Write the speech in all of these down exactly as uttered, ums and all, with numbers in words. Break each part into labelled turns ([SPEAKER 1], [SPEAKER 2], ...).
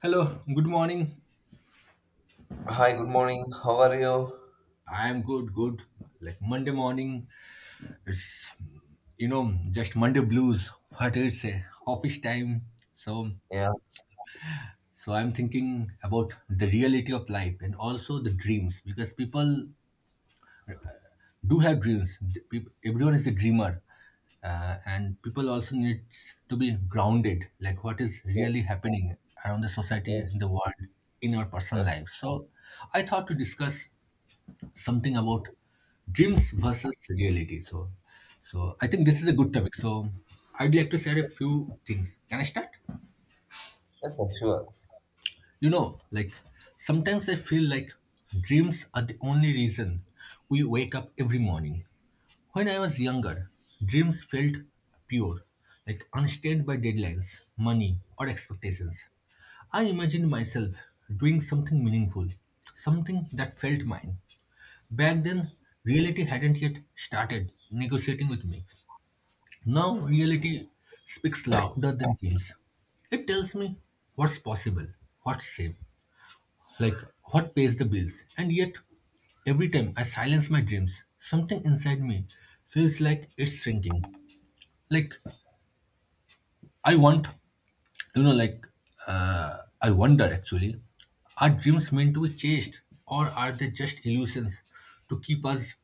[SPEAKER 1] Hello, good morning.
[SPEAKER 2] Hi, good morning. How are you?
[SPEAKER 1] I am good, good. Like Monday morning, it's you know just Monday blues. What it's uh, office time. So
[SPEAKER 2] Yeah,
[SPEAKER 1] so I'm thinking about the reality of life and also the dreams because people do have dreams. The peop- Everyone is a dreamer, uh, and people also need to be grounded. Like what is
[SPEAKER 2] so-
[SPEAKER 1] really happening around the society
[SPEAKER 2] yes,
[SPEAKER 1] and the world in our personal
[SPEAKER 2] yes,
[SPEAKER 1] life. So I thought to discuss something about dreams versus reality. So, so I think this is a good topic. So, I'd like to share a few things. Can I start?
[SPEAKER 2] yes, sir, sure.
[SPEAKER 1] You know, like sometimes I feel like dreams are the only reason we wake up every morning. When I was younger, dreams felt pure, like unstained by deadlines, money, or expectations. I imagined myself doing something meaningful, something that felt mine. Back then, reality hadn't yet started negotiating with me. Now, reality speaks louder than dreams. It tells me what's possible, what's safe, like what pays the bills. And yet, every time I silence my dreams, something inside me feels like it's shrinking. Like, I want, you know, like, uh, I wonder actually, are dreams meant to be chased or are they just illusions to keep us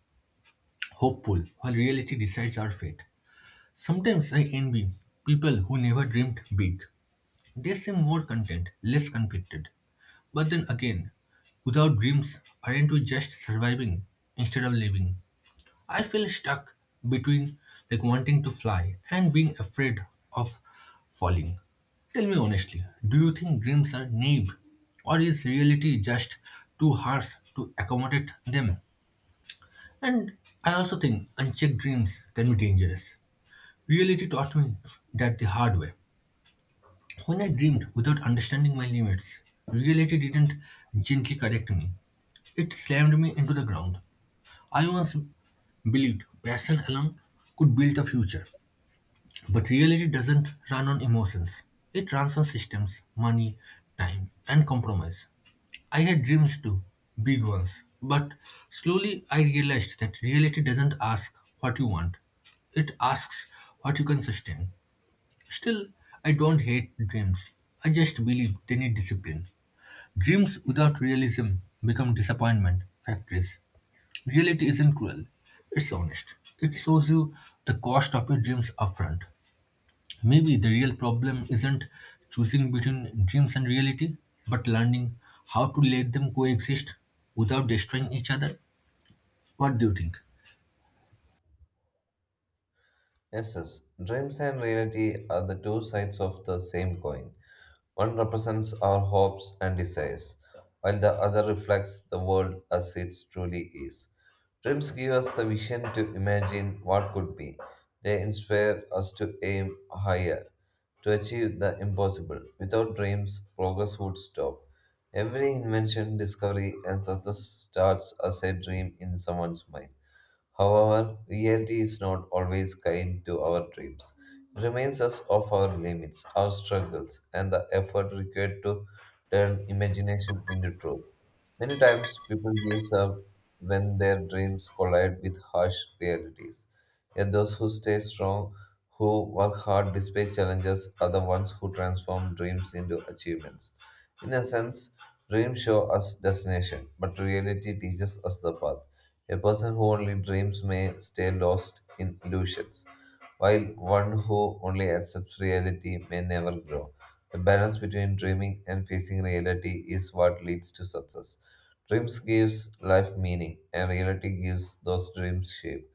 [SPEAKER 1] hopeful while reality decides our fate? Sometimes I envy people who never dreamed big. They seem more content, less conflicted. But then again, without dreams, aren't we just surviving instead of living? I feel stuck between like wanting to fly and being afraid of falling. Tell me honestly, do you think dreams are naive or is reality just too harsh to accommodate them? And I also think unchecked dreams can be dangerous. Reality taught me that the hard way. When I dreamed without understanding my limits, reality didn't gently correct me. It slammed me into the ground. I once believed passion alone could build a future, but reality doesn't run on emotions. It runs on systems, money, time, and compromise. I had dreams too, big ones, but slowly I realized that reality doesn't ask what you want, it asks what you can sustain. Still, I don't hate dreams. I just believe they need discipline. Dreams without realism become disappointment factories. Reality isn't cruel, it's honest. It shows you the cost of your dreams upfront. Maybe the real problem isn't choosing between dreams and reality, but learning how to let them coexist without destroying each other. What do you think?
[SPEAKER 2] Yes, yes. Dreams and reality are the two sides of the same coin. One represents our hopes and desires, while the other reflects the world as it truly is. Dreams give us the vision to imagine what could be. They inspire us to aim higher, to achieve the impossible. Without dreams, progress would stop. Every invention, discovery, and success starts as a dream in someone's mind. However, reality is not always kind to our dreams. It reminds us of our limits, our struggles, and the effort required to turn imagination into truth. Many times, people give up when their dreams collide with harsh realities. Yet, those who stay strong, who work hard despite challenges, are the ones who transform dreams into achievements. In a sense, dreams show us destination, but reality teaches us the path. A person who only dreams may stay lost in illusions, while one who only accepts reality may never grow. The balance between dreaming and facing reality is what leads to success. Dreams gives life meaning, and reality gives those dreams shape.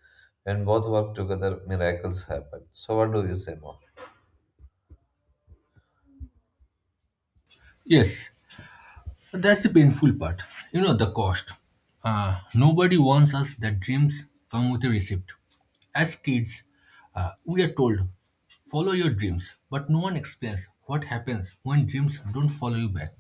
[SPEAKER 2] When both work together, miracles happen. So, what do you say more?
[SPEAKER 1] Yes, that's the painful part. You know, the cost. Uh, nobody warns us that dreams come with a receipt. As kids, uh, we are told, follow your dreams, but no one explains what happens when dreams don't follow you back.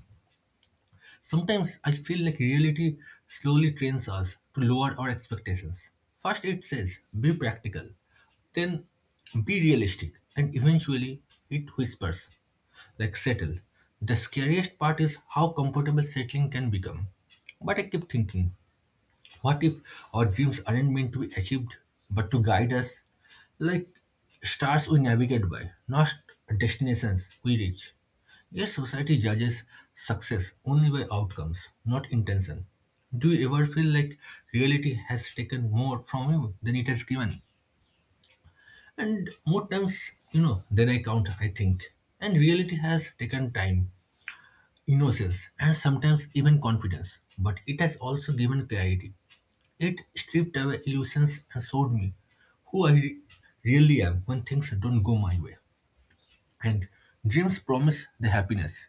[SPEAKER 1] Sometimes I feel like reality slowly trains us to lower our expectations. First, it says, be practical, then, be realistic, and eventually, it whispers, like settle. The scariest part is how comfortable settling can become. But I keep thinking, what if our dreams aren't meant to be achieved, but to guide us like stars we navigate by, not destinations we reach? Yes, society judges success only by outcomes, not intention. Do you ever feel like reality has taken more from you than it has given? And more times, you know, than I count, I think. And reality has taken time, innocence, and sometimes even confidence, but it has also given clarity. It stripped away illusions and showed me who I re- really am when things don't go my way. And dreams promise the happiness.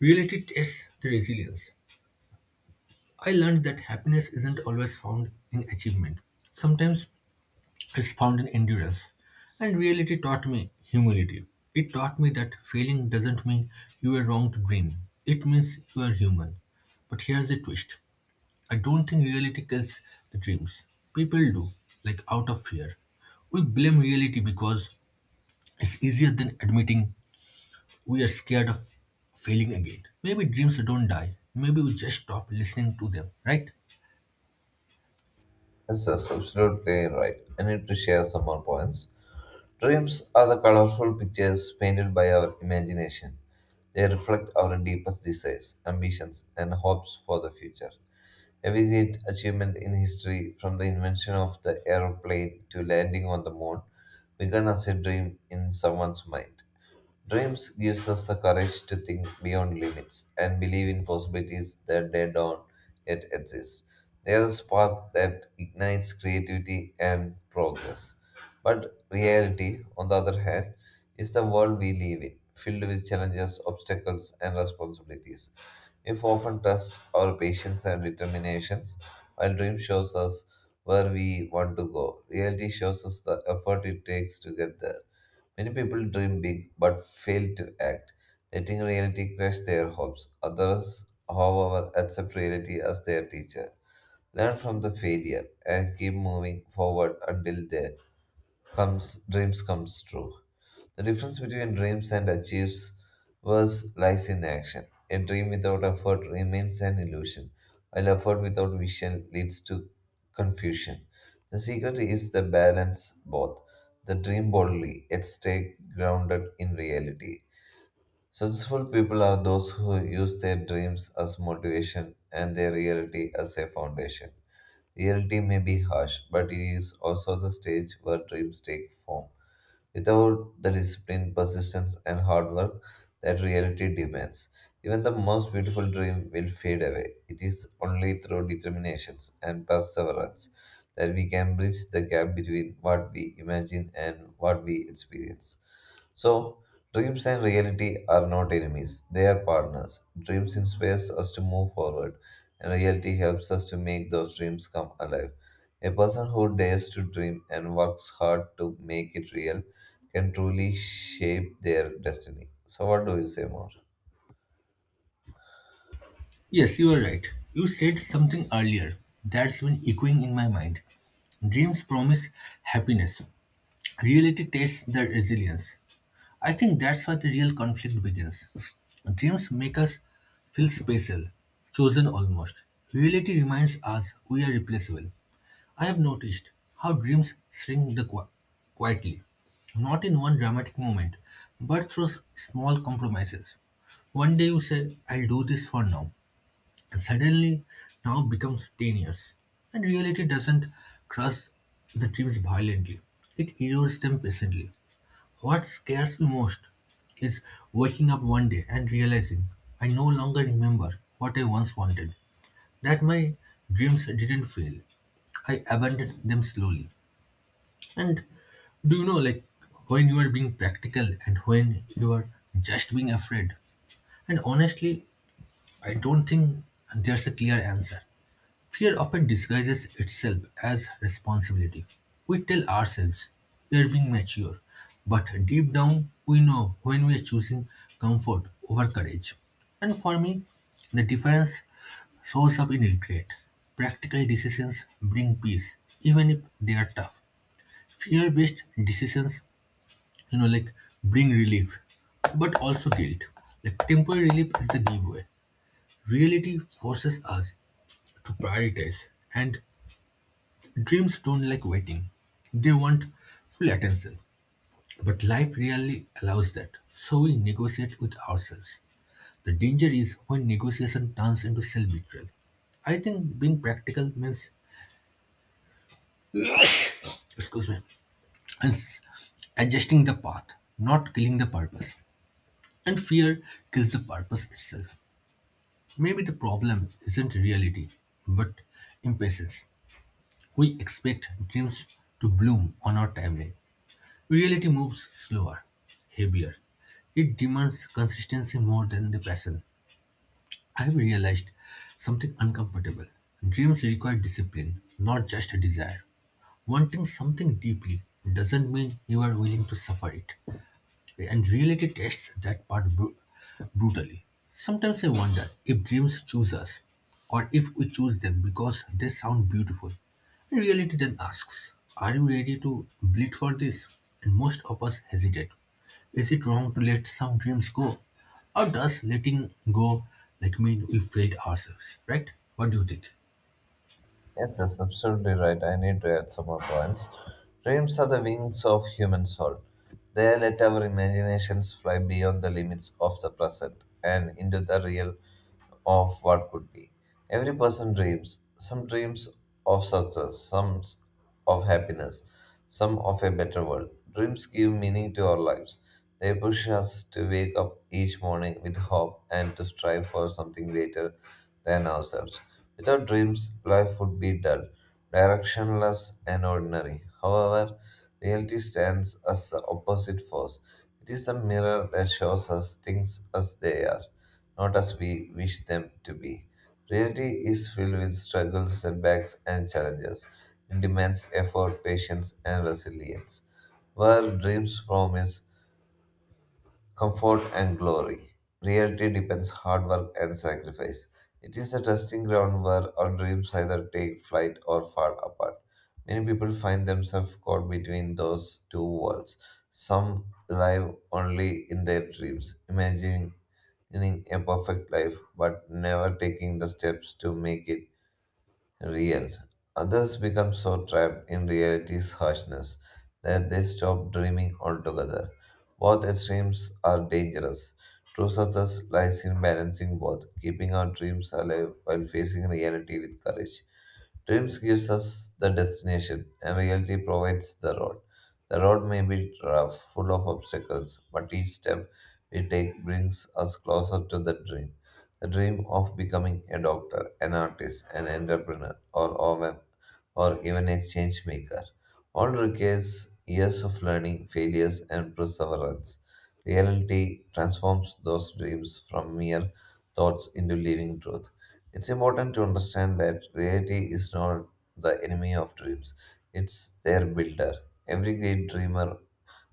[SPEAKER 1] Reality tests the resilience. I learned that happiness isn't always found in achievement. Sometimes it's found in endurance. And reality taught me humility. It taught me that failing doesn't mean you were wrong to dream. It means you are human. But here's the twist. I don't think reality kills the dreams. People do, like out of fear. We blame reality because it's easier than admitting we are scared of failing again. Maybe dreams don't die. Maybe we just stop listening to them, right?
[SPEAKER 2] Yes, that's absolutely right. I need to share some more points. Dreams are the colorful pictures painted by our imagination. They reflect our deepest desires, ambitions, and hopes for the future. Every great achievement in history, from the invention of the aeroplane to landing on the moon, began as a dream in someone's mind. Dreams gives us the courage to think beyond limits and believe in possibilities that they don't yet exist. They are the spark that ignites creativity and progress. But reality, on the other hand, is the world we live in, filled with challenges, obstacles, and responsibilities. If often test our patience and determinations, while dream shows us where we want to go, reality shows us the effort it takes to get there. Many people dream big but fail to act, letting reality crush their hopes. Others, however, accept reality as their teacher. Learn from the failure and keep moving forward until their comes dreams comes true. The difference between dreams and achievers lies in action. A dream without effort remains an illusion, while effort without vision leads to confusion. The secret is the balance both. The dream boldly, yet stay grounded in reality. Successful people are those who use their dreams as motivation and their reality as a foundation. Reality may be harsh, but it is also the stage where dreams take form without the discipline, persistence, and hard work that reality demands. Even the most beautiful dream will fade away. It is only through determination and perseverance that we can bridge the gap between what we imagine and what we experience. So, dreams and reality are not enemies, they are partners. Dreams inspires us to move forward, and reality helps us to make those dreams come alive. A person who dares to dream and works hard to make it real can truly shape their destiny. So, what do you say more?
[SPEAKER 1] Yes, you are right. You said something earlier that's been echoing in my mind. Dreams promise happiness. Reality tests their resilience. I think that's where the real conflict begins. Dreams make us feel special, chosen almost. Reality reminds us we are replaceable. I have noticed how dreams shrink the qui- quietly, not in one dramatic moment, but through s- small compromises. One day you say, I'll do this for now, and suddenly now becomes ten years. And reality doesn't crush the dreams violently, it erodes them patiently. What scares me most is waking up one day and realizing I no longer remember what I once wanted, that my dreams didn't fail. I abandoned them slowly. And do you know, like, when you are being practical and when you are just being afraid? And honestly, I don't think there's a clear answer. Fear often disguises itself as responsibility. We tell ourselves we are being mature, but deep down we know when we are choosing comfort over courage. And for me, the difference shows up in regret. Practical decisions bring peace, even if they are tough. Fear-based decisions, you know, like bring relief, but also guilt. Like temporary relief is the giveaway. Reality forces us to prioritize, and dreams don't like waiting. They want full attention. But life rarely allows that. So we negotiate with ourselves. The danger is when negotiation turns into self-betrayal. I think being practical means, excuse me, is adjusting the path, not killing the purpose. And fear kills the purpose itself. Maybe the problem isn't reality, but impatience. We expect dreams to bloom on our timeline. Reality moves slower, heavier. It demands consistency more than the passion. I have realized something uncomfortable. Dreams require discipline, not just a desire. Wanting something deeply doesn't mean you are willing to suffer it and reality tests that part bru- brutally. Sometimes I wonder if dreams choose us or if we choose them because they sound beautiful. Reality then asks, are you ready to bleed for this? And most of us hesitate. Is it wrong to let some dreams go? Or does letting go like mean we failed ourselves, right? What do you think?
[SPEAKER 2] Yes, that's absolutely right. I need to add some more points. Dreams are the wings of human soul. They let our imaginations fly beyond the limits of the present and into the real of what could be. Every person dreams. Some dreams of success, some of happiness, some of a better world. Dreams give meaning to our lives. They push us to wake up each morning with hope and to strive for something greater than ourselves. Without dreams, life would be dull, directionless, and ordinary. However, reality stands as the opposite force. It is a mirror that shows us things as they are, not as we wish them to be. Reality is filled with struggles, setbacks, and challenges. It demands effort, patience, and resilience. Where dreams promise comfort and glory. Reality depends hard work and sacrifice. It is the testing ground where our dreams either take flight or fall apart. Many people find themselves caught between those two worlds. Some live only in their dreams, imagining a perfect life, but never taking the steps to make it real. Others become so trapped in reality's harshness that they stop dreaming altogether. Both extremes are dangerous. True success lies in balancing both, keeping our dreams alive while facing reality with courage. Dreams gives us the destination, and reality provides the road. The road may be rough, full of obstacles, but each step we take brings us closer to the dream. The dream of becoming a doctor, an artist, an entrepreneur, or, or, or even a change maker. All requires years of learning, failures, and perseverance. Reality transforms those dreams from mere thoughts into living truth. It's important to understand that reality is not the enemy of dreams, it's their builder. Every great dreamer,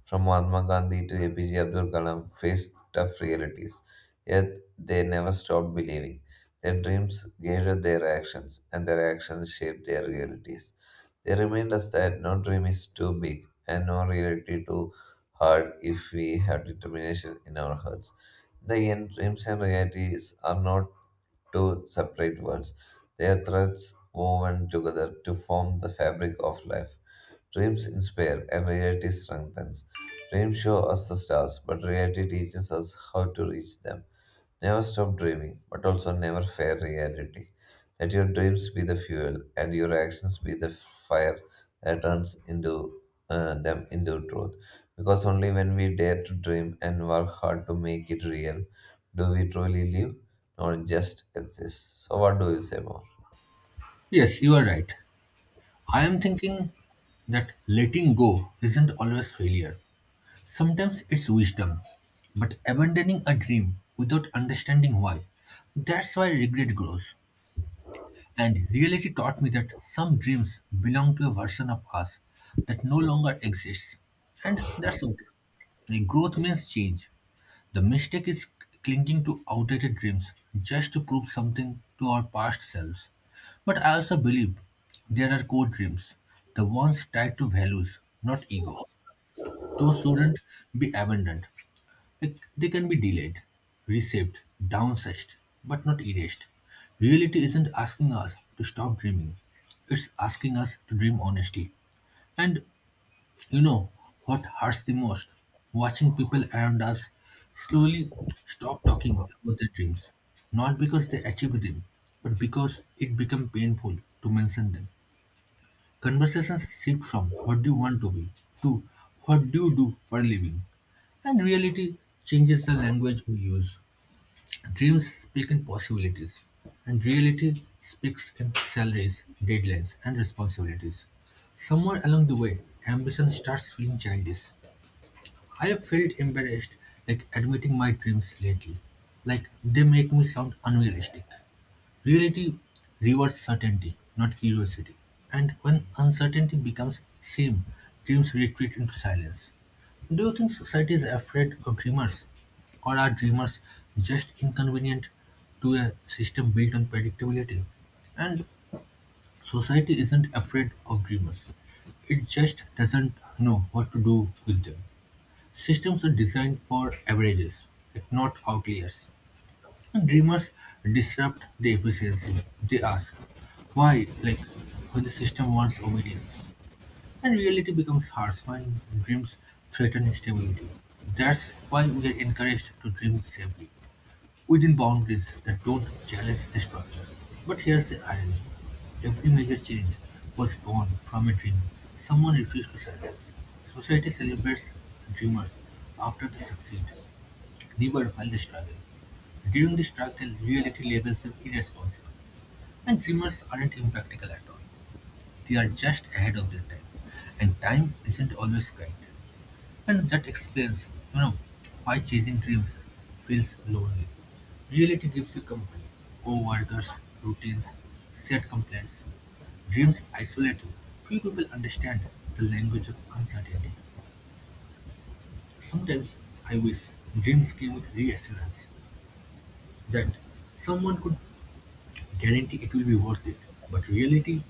[SPEAKER 2] from Mahatma Gandhi to A P J Abdul Kalam, faced tough realities, yet they never stopped believing. Their dreams guided their actions, and their actions shaped their realities. They remind us that no dream is too big and no reality too hard if we have determination in our hearts. The end dreams and realities are not two separate worlds. They are threads woven together to form the fabric of life. Dreams inspire and reality strengthens. Dreams show us the stars, but reality teaches us how to reach them. Never stop dreaming, but also never fear reality. Let your dreams be the fuel and your actions be the fire that turns into uh, them into truth. Because only when we dare to dream and work hard to make it real do we truly live, not just exist. So, what do you say more?
[SPEAKER 1] Yes, you are right. I am thinking that letting go isn't always failure. Sometimes it's wisdom, but abandoning a dream without understanding why. That's why regret grows. And reality taught me that some dreams belong to a version of us that no longer exists. And that's okay. And growth means change. The mistake is clinging to outdated dreams just to prove something to our past selves. But I also believe there are core dreams, the ones tied to values, not ego. Those shouldn't be abandoned. Like, they can be delayed, reshaped, downsized, but not erased. Reality isn't asking us to stop dreaming, it's asking us to dream honestly. And you know what hurts the most? Watching people around us slowly stop talking about their dreams, not because they achieved them, but because it became painful to mention them. Conversations shift from what do you want to be to what do you do for a living. And reality changes the language we use. Dreams speak in possibilities, and reality speaks in salaries, deadlines, and responsibilities. Somewhere along the way, ambition starts feeling childish. I have felt embarrassed like admitting my dreams lately, like they make me sound unrealistic. Reality rewards certainty, not curiosity, and when uncertainty becomes same, dreams retreat into silence. Do you think society is afraid of dreamers, or are dreamers just inconvenient to a system built on predictability? And society isn't afraid of dreamers, it just doesn't know what to do with them. Systems are designed for averages, like not outliers. Dreamers disrupt the efficiency. They ask, why, like when the system wants obedience. And reality becomes harsh when dreams threaten stability. That's why we are encouraged to dream safely, within boundaries that don't challenge the structure. But here's the irony. Every major change was born from a dream someone refused to silence. Society celebrates dreamers after they succeed, never were while they struggle. During the struggle, reality labels them irresponsible. And dreamers aren't impractical at all. They are just ahead of their time. And time isn't always kind. And that explains, you know, why chasing dreams feels lonely. Reality gives you company, co-workers, routines, set complaints. Dreams isolate you. Few people understand the language of uncertainty. Sometimes I wish dreams came with reassurance that someone could guarantee it will be worth it. But reality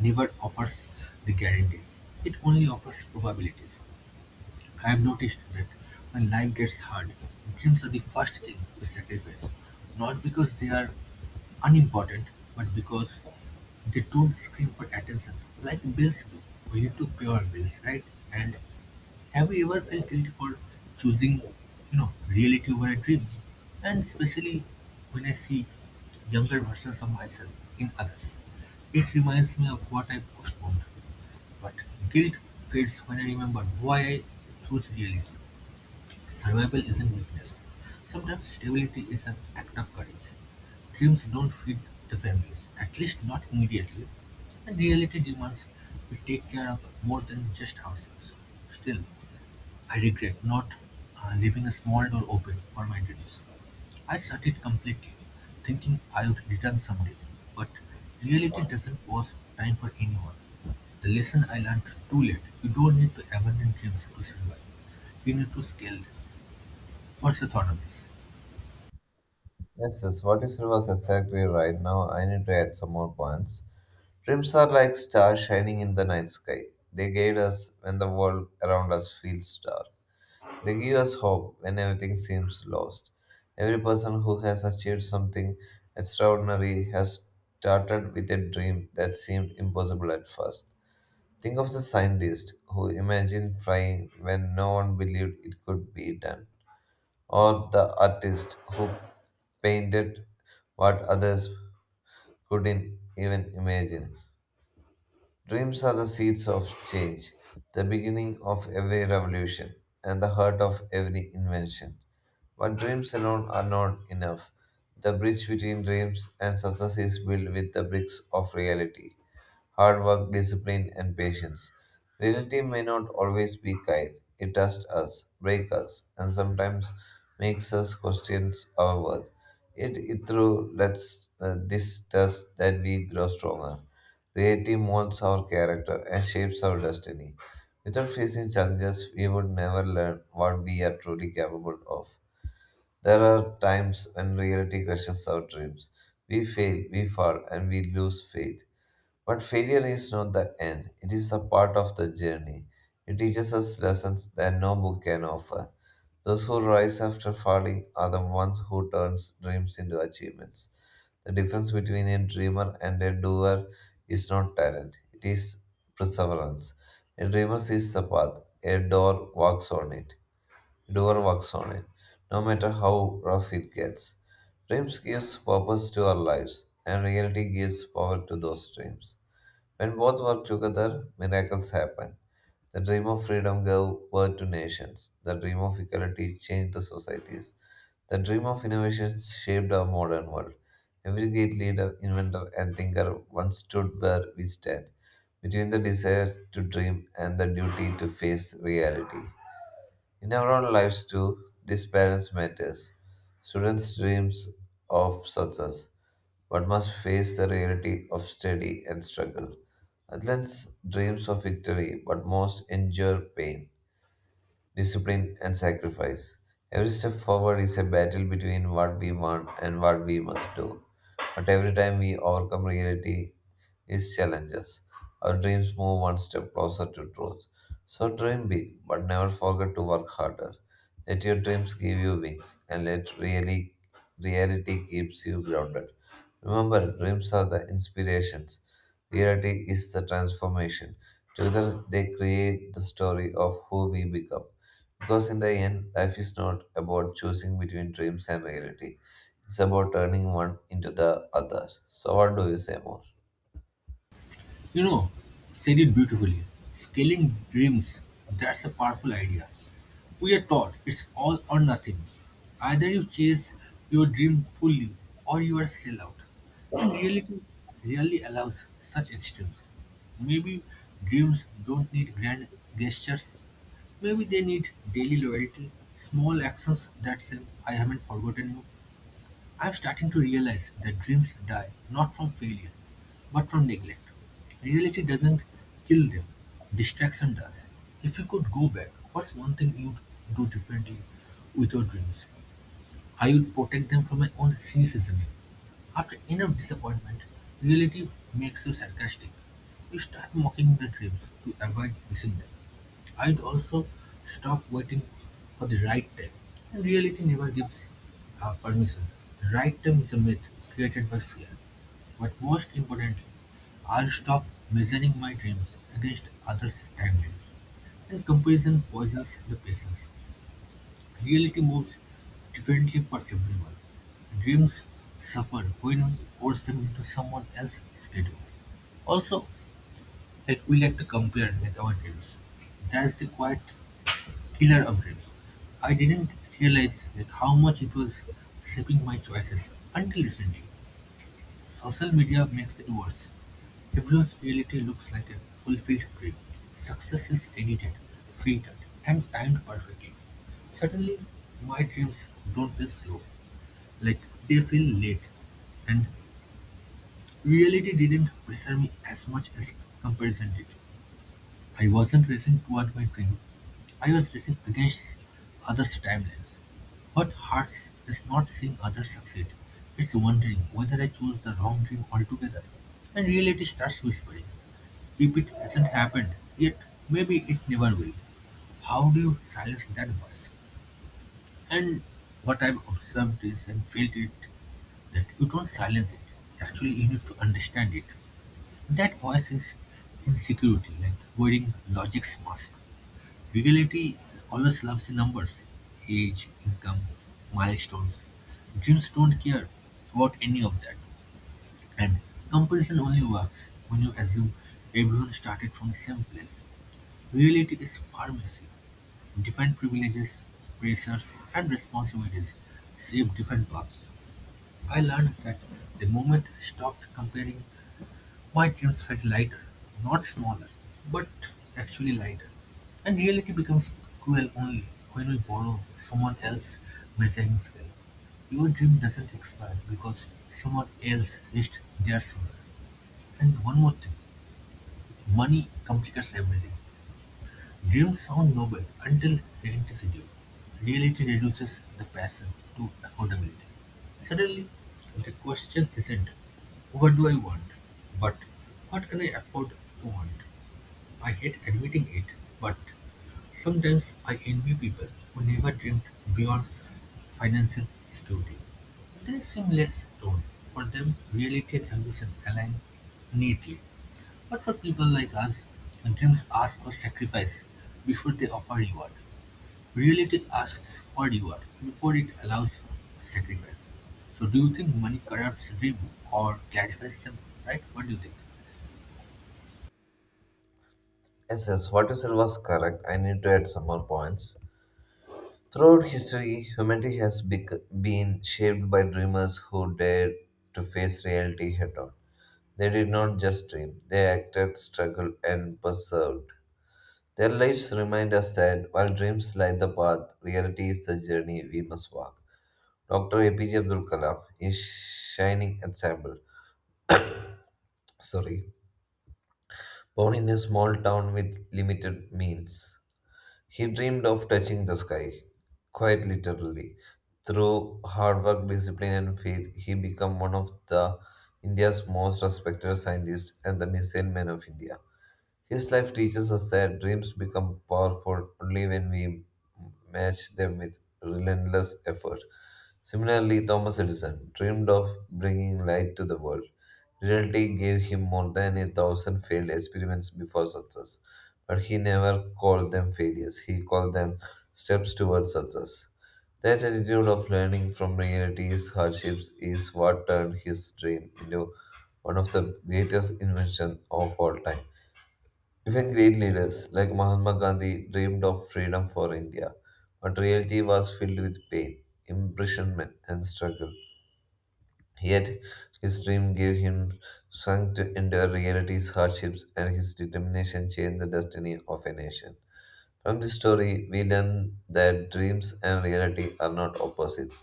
[SPEAKER 1] never offers the guarantees, it only offers probabilities. I've noticed that when life gets hard, dreams are the first thing we sacrifice, not because they are unimportant, but because they don't scream for attention like bills do. We need to pay our bills, right? And have you ever felt guilty for choosing, you know, reality over a dream? And especially when I see younger versions of myself in others, it reminds me of what I postponed. But guilt fades when I remember why I choose reality. Survival isn't weakness. Sometimes stability is an act of courage. Dreams don't feed the families, at least not immediately. And reality demands we take care of more than just ourselves. Still, I regret not uh, leaving a small door open for my duties. I shut it completely, thinking I would return someday. But reality doesn't pause time for anyone. The lesson I learned too late. You don't need to abandon dreams to survive. You need to scale them. What's your thought on this?
[SPEAKER 2] Yes, yes, what you said was exactly right. Now, I need to add some more points. Dreams are like stars shining in the night sky. They guide us when the world around us feels dark. They give us hope when everything seems lost. Every person who has achieved something extraordinary has started with a dream that seemed impossible at first. Think of the scientists who imagined flying when no one believed it could be done, or the artist who painted what others couldn't even imagine. Dreams are the seeds of change, the beginning of every revolution, and the heart of every invention. But dreams alone are not enough. The bridge between dreams and success is built with the bricks of reality hard work, discipline, and patience. Reality may not always be kind. It tests us, breaks us, and sometimes makes us question our worth. Yet, it through lets uh, this test that we grow stronger. Reality molds our character and shapes our destiny. Without facing challenges, we would never learn what we are truly capable of. There are times when reality crushes our dreams. We fail, we fall, and we lose faith. But failure is not the end, it is a part of the journey. It teaches us lessons that no book can offer. Those who rise after falling are the ones who turn dreams into achievements. The difference between a dreamer and a doer is not talent, it is perseverance. A dreamer sees the path, a door walks on it, doer works on it, no matter how rough it gets. Dreams gives purpose to our lives, and reality gives power to those dreams. When both work together, miracles happen. The dream of freedom gave birth to nations. The dream of equality changed the societies. The dream of innovation shaped our modern world. Every great leader, inventor, and thinker once stood where we stand, between the desire to dream and the duty to face reality. In our own lives too, this balance matters. Students dreams of success, but must face the reality of study and struggle. Athletes dreams of victory, but most endure pain discipline, and sacrifice. Every step forward is a battle between what we want and what we must do. But every time we overcome reality, its challenges, our dreams move one step closer to truth. So dream big, but never forget to work harder. Let your dreams give you wings, and let really reality keeps you grounded. Remember, dreams are the inspirations. Reality is the transformation. Together, they create the story of who we become. Because in the end, life is not about choosing between dreams and reality. It's about turning one into the other. So what do you say more?
[SPEAKER 1] You know, said it beautifully. Scaling dreams, that's a powerful idea. We are taught it's all or nothing. Either you chase your dream fully or you are a sellout. And reality rarely allows such extremes. Maybe dreams don't need grand gestures. Maybe they need daily loyalty, small actions that say, I haven't forgotten you. I'm starting to realize that dreams die not from failure, but from neglect. Reality doesn't kill them, distraction does. If you could go back, what's one thing you'd do differently with your dreams? I would protect them from my own cynicism. After enough disappointment, reality makes you sarcastic. You start mocking their dreams to avoid missing them. I'd also stop waiting for the right time. And reality never gives uh, permission. The right time is a myth created by fear. But most importantly, I'll stop measuring my dreams against others' timelines. And comparison poisons the patience. Reality moves differently for everyone. Dreams suffer when we force them into someone else's schedule. Also, like we like to compare with our dreams. That's the quiet killer of dreams. I didn't realize like how much it was shaping my choices until recently. Social media makes it worse. Everyone's reality looks like a fulfilled dream. Success is edited, filtered, and timed perfectly. Suddenly, my dreams don't feel slow, like they feel late, and reality didn't pressure me as much as comparison did. I wasn't racing toward my dream. I was racing against others' timelines. What hurts is not seeing others succeed. It's wondering whether I chose the wrong dream altogether. And reality starts whispering. If it hasn't happened yet, maybe it never will. How do you silence that voice? And what I've observed is and felt it that you don't silence it. Actually, you need to understand it. That voice is insecurity, like wearing logic's mask. Reality always loves the numbers age, income, milestones. Dreams don't care about any of that. And comparison only works when you assume everyone started from the same place. Reality is far messy. Different privileges, pressures, and responsibilities shape different paths. I learned that the moment I stopped comparing my jeans felt lighter, not smaller, but actually lighter, and reality becomes cruel only when we borrow someone else's measuring scale. Your dream doesn't expire because someone else reached theirs sooner. And one more thing, money complicates everything. Dreams sound noble until reality's due; reality reduces the passion to affordability. Suddenly, the question isn't, what do I want? But, what can I afford to want? I hate admitting it, but sometimes I envy people who never dreamed beyond financial security. They seem less torn. For them, reality and ambition align neatly. But for people like us, dreams ask for sacrifice before they offer reward. Reality asks for reward before it allows for sacrifice. So, do you think money corrupts dream or clarifies them? Right? What do you think?
[SPEAKER 2] Yes, yes, what you said was correct. I need to add some more points. Throughout history, humanity has bec- been shaped by dreamers who dared to face reality head on. They did not just dream, they acted, struggled, and persevered. Their lives remind us that while dreams light the path, reality is the journey we must walk. Doctor A P J Abdul Kalam, his shining example. Sorry, born in a small town with limited means, he dreamed of touching the sky, quite literally. Through hard work, discipline, and faith, he became one of the India's most respected scientists and the missile man of India. His life teaches us that dreams become powerful only when we match them with relentless effort. Similarly, Thomas Edison dreamed of bringing light to the world. Reality gave him more than a thousand failed experiments before success, but he never called them failures. He called them steps towards success. That attitude of learning from reality's hardships is what turned his dream into one of the greatest inventions of all time. Even great leaders like Mahatma Gandhi dreamed of freedom for India, but reality was filled with pain, imprisonment, and struggle. Yet his dream gave him strength to endure reality's hardships, and his determination changed the destiny of a nation. From this story, we learn that dreams and reality are not opposites,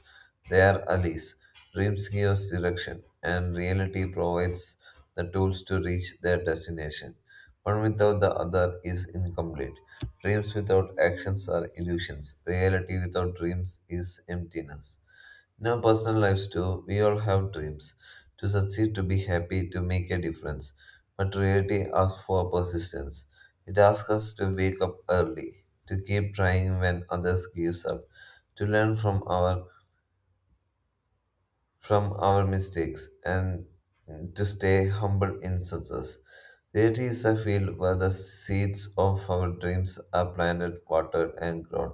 [SPEAKER 2] they are allies. Dreams give us direction, and reality provides the tools to reach their destination. One without the other is incomplete. Dreams without actions are illusions. Reality without dreams is emptiness. In our personal lives too, we all have dreams to succeed, to be happy, to make a difference. But reality asks for persistence. It asks us to wake up early, to keep trying when others give up, to learn from our from our mistakes, and to stay humble in success. Reality is a field where the seeds of our dreams are planted, watered, and grown.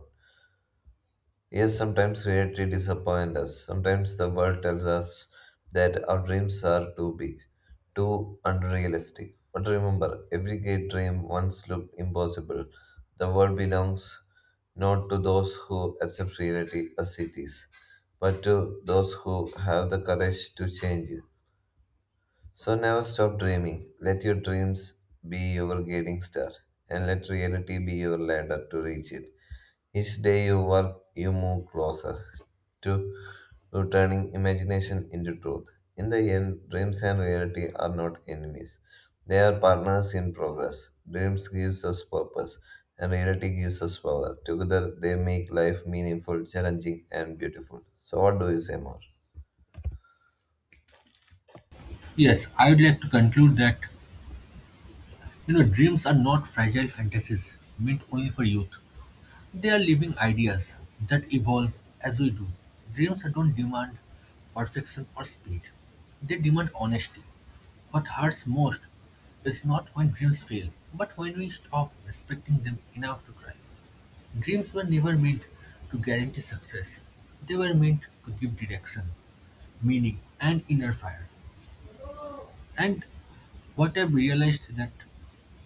[SPEAKER 2] Yes, sometimes reality disappoints us. Sometimes the world tells us that our dreams are too big, too unrealistic. But remember, every great dream once looked impossible. The world belongs not to those who accept reality as it is, but to those who have the courage to change it. So never stop dreaming. Let your dreams be your guiding star, and let reality be your ladder to reach it. Each day you work, you move closer to to turning imagination into truth. In the end, dreams and reality are not enemies. They are partners in progress. Dreams gives us purpose and reality gives us power. Together they make life meaningful, challenging and beautiful. So what do you say more?
[SPEAKER 1] Yes, I would like to conclude that you know dreams are not fragile fantasies meant only for youth. They are living ideas that evolve as we do. Dreams don't demand perfection or speed, they demand honesty. What hurts most is not when dreams fail, but when we stop respecting them enough to try. Dreams were never meant to guarantee success, they were meant to give direction, meaning, and inner fire. And what I've realized that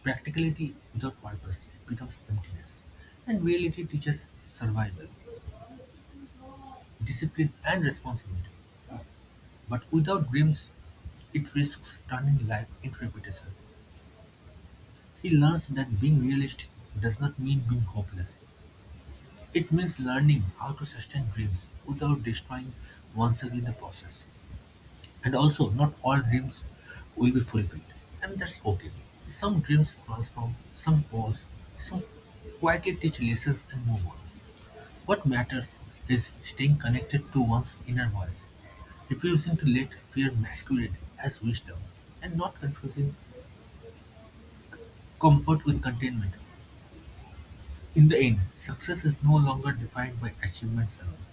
[SPEAKER 1] practicality without purpose becomes emptiness, and reality teaches survival. Discipline and responsibility. But without dreams, it risks turning life into repetition. He learns that being realistic does not mean being hopeless. It means learning how to sustain dreams without destroying oneself in the process. And also, not all dreams will be fulfilled, and that's okay. Some dreams transform, some pause, some quietly teach lessons and move on. What matters is staying connected to one's inner voice, refusing to let fear masquerade as wisdom, and not confusing comfort with contentment. In the end, success is no longer defined by achievements alone,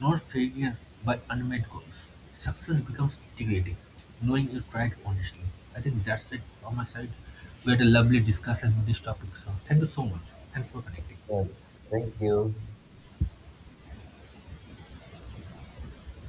[SPEAKER 1] nor failure by unmet goals. Success becomes integrating, knowing you tried honestly. I think that's it on my side. We had a lovely discussion on this topic, so thank you so much. Thanks for connecting.
[SPEAKER 2] Yeah. Thank you.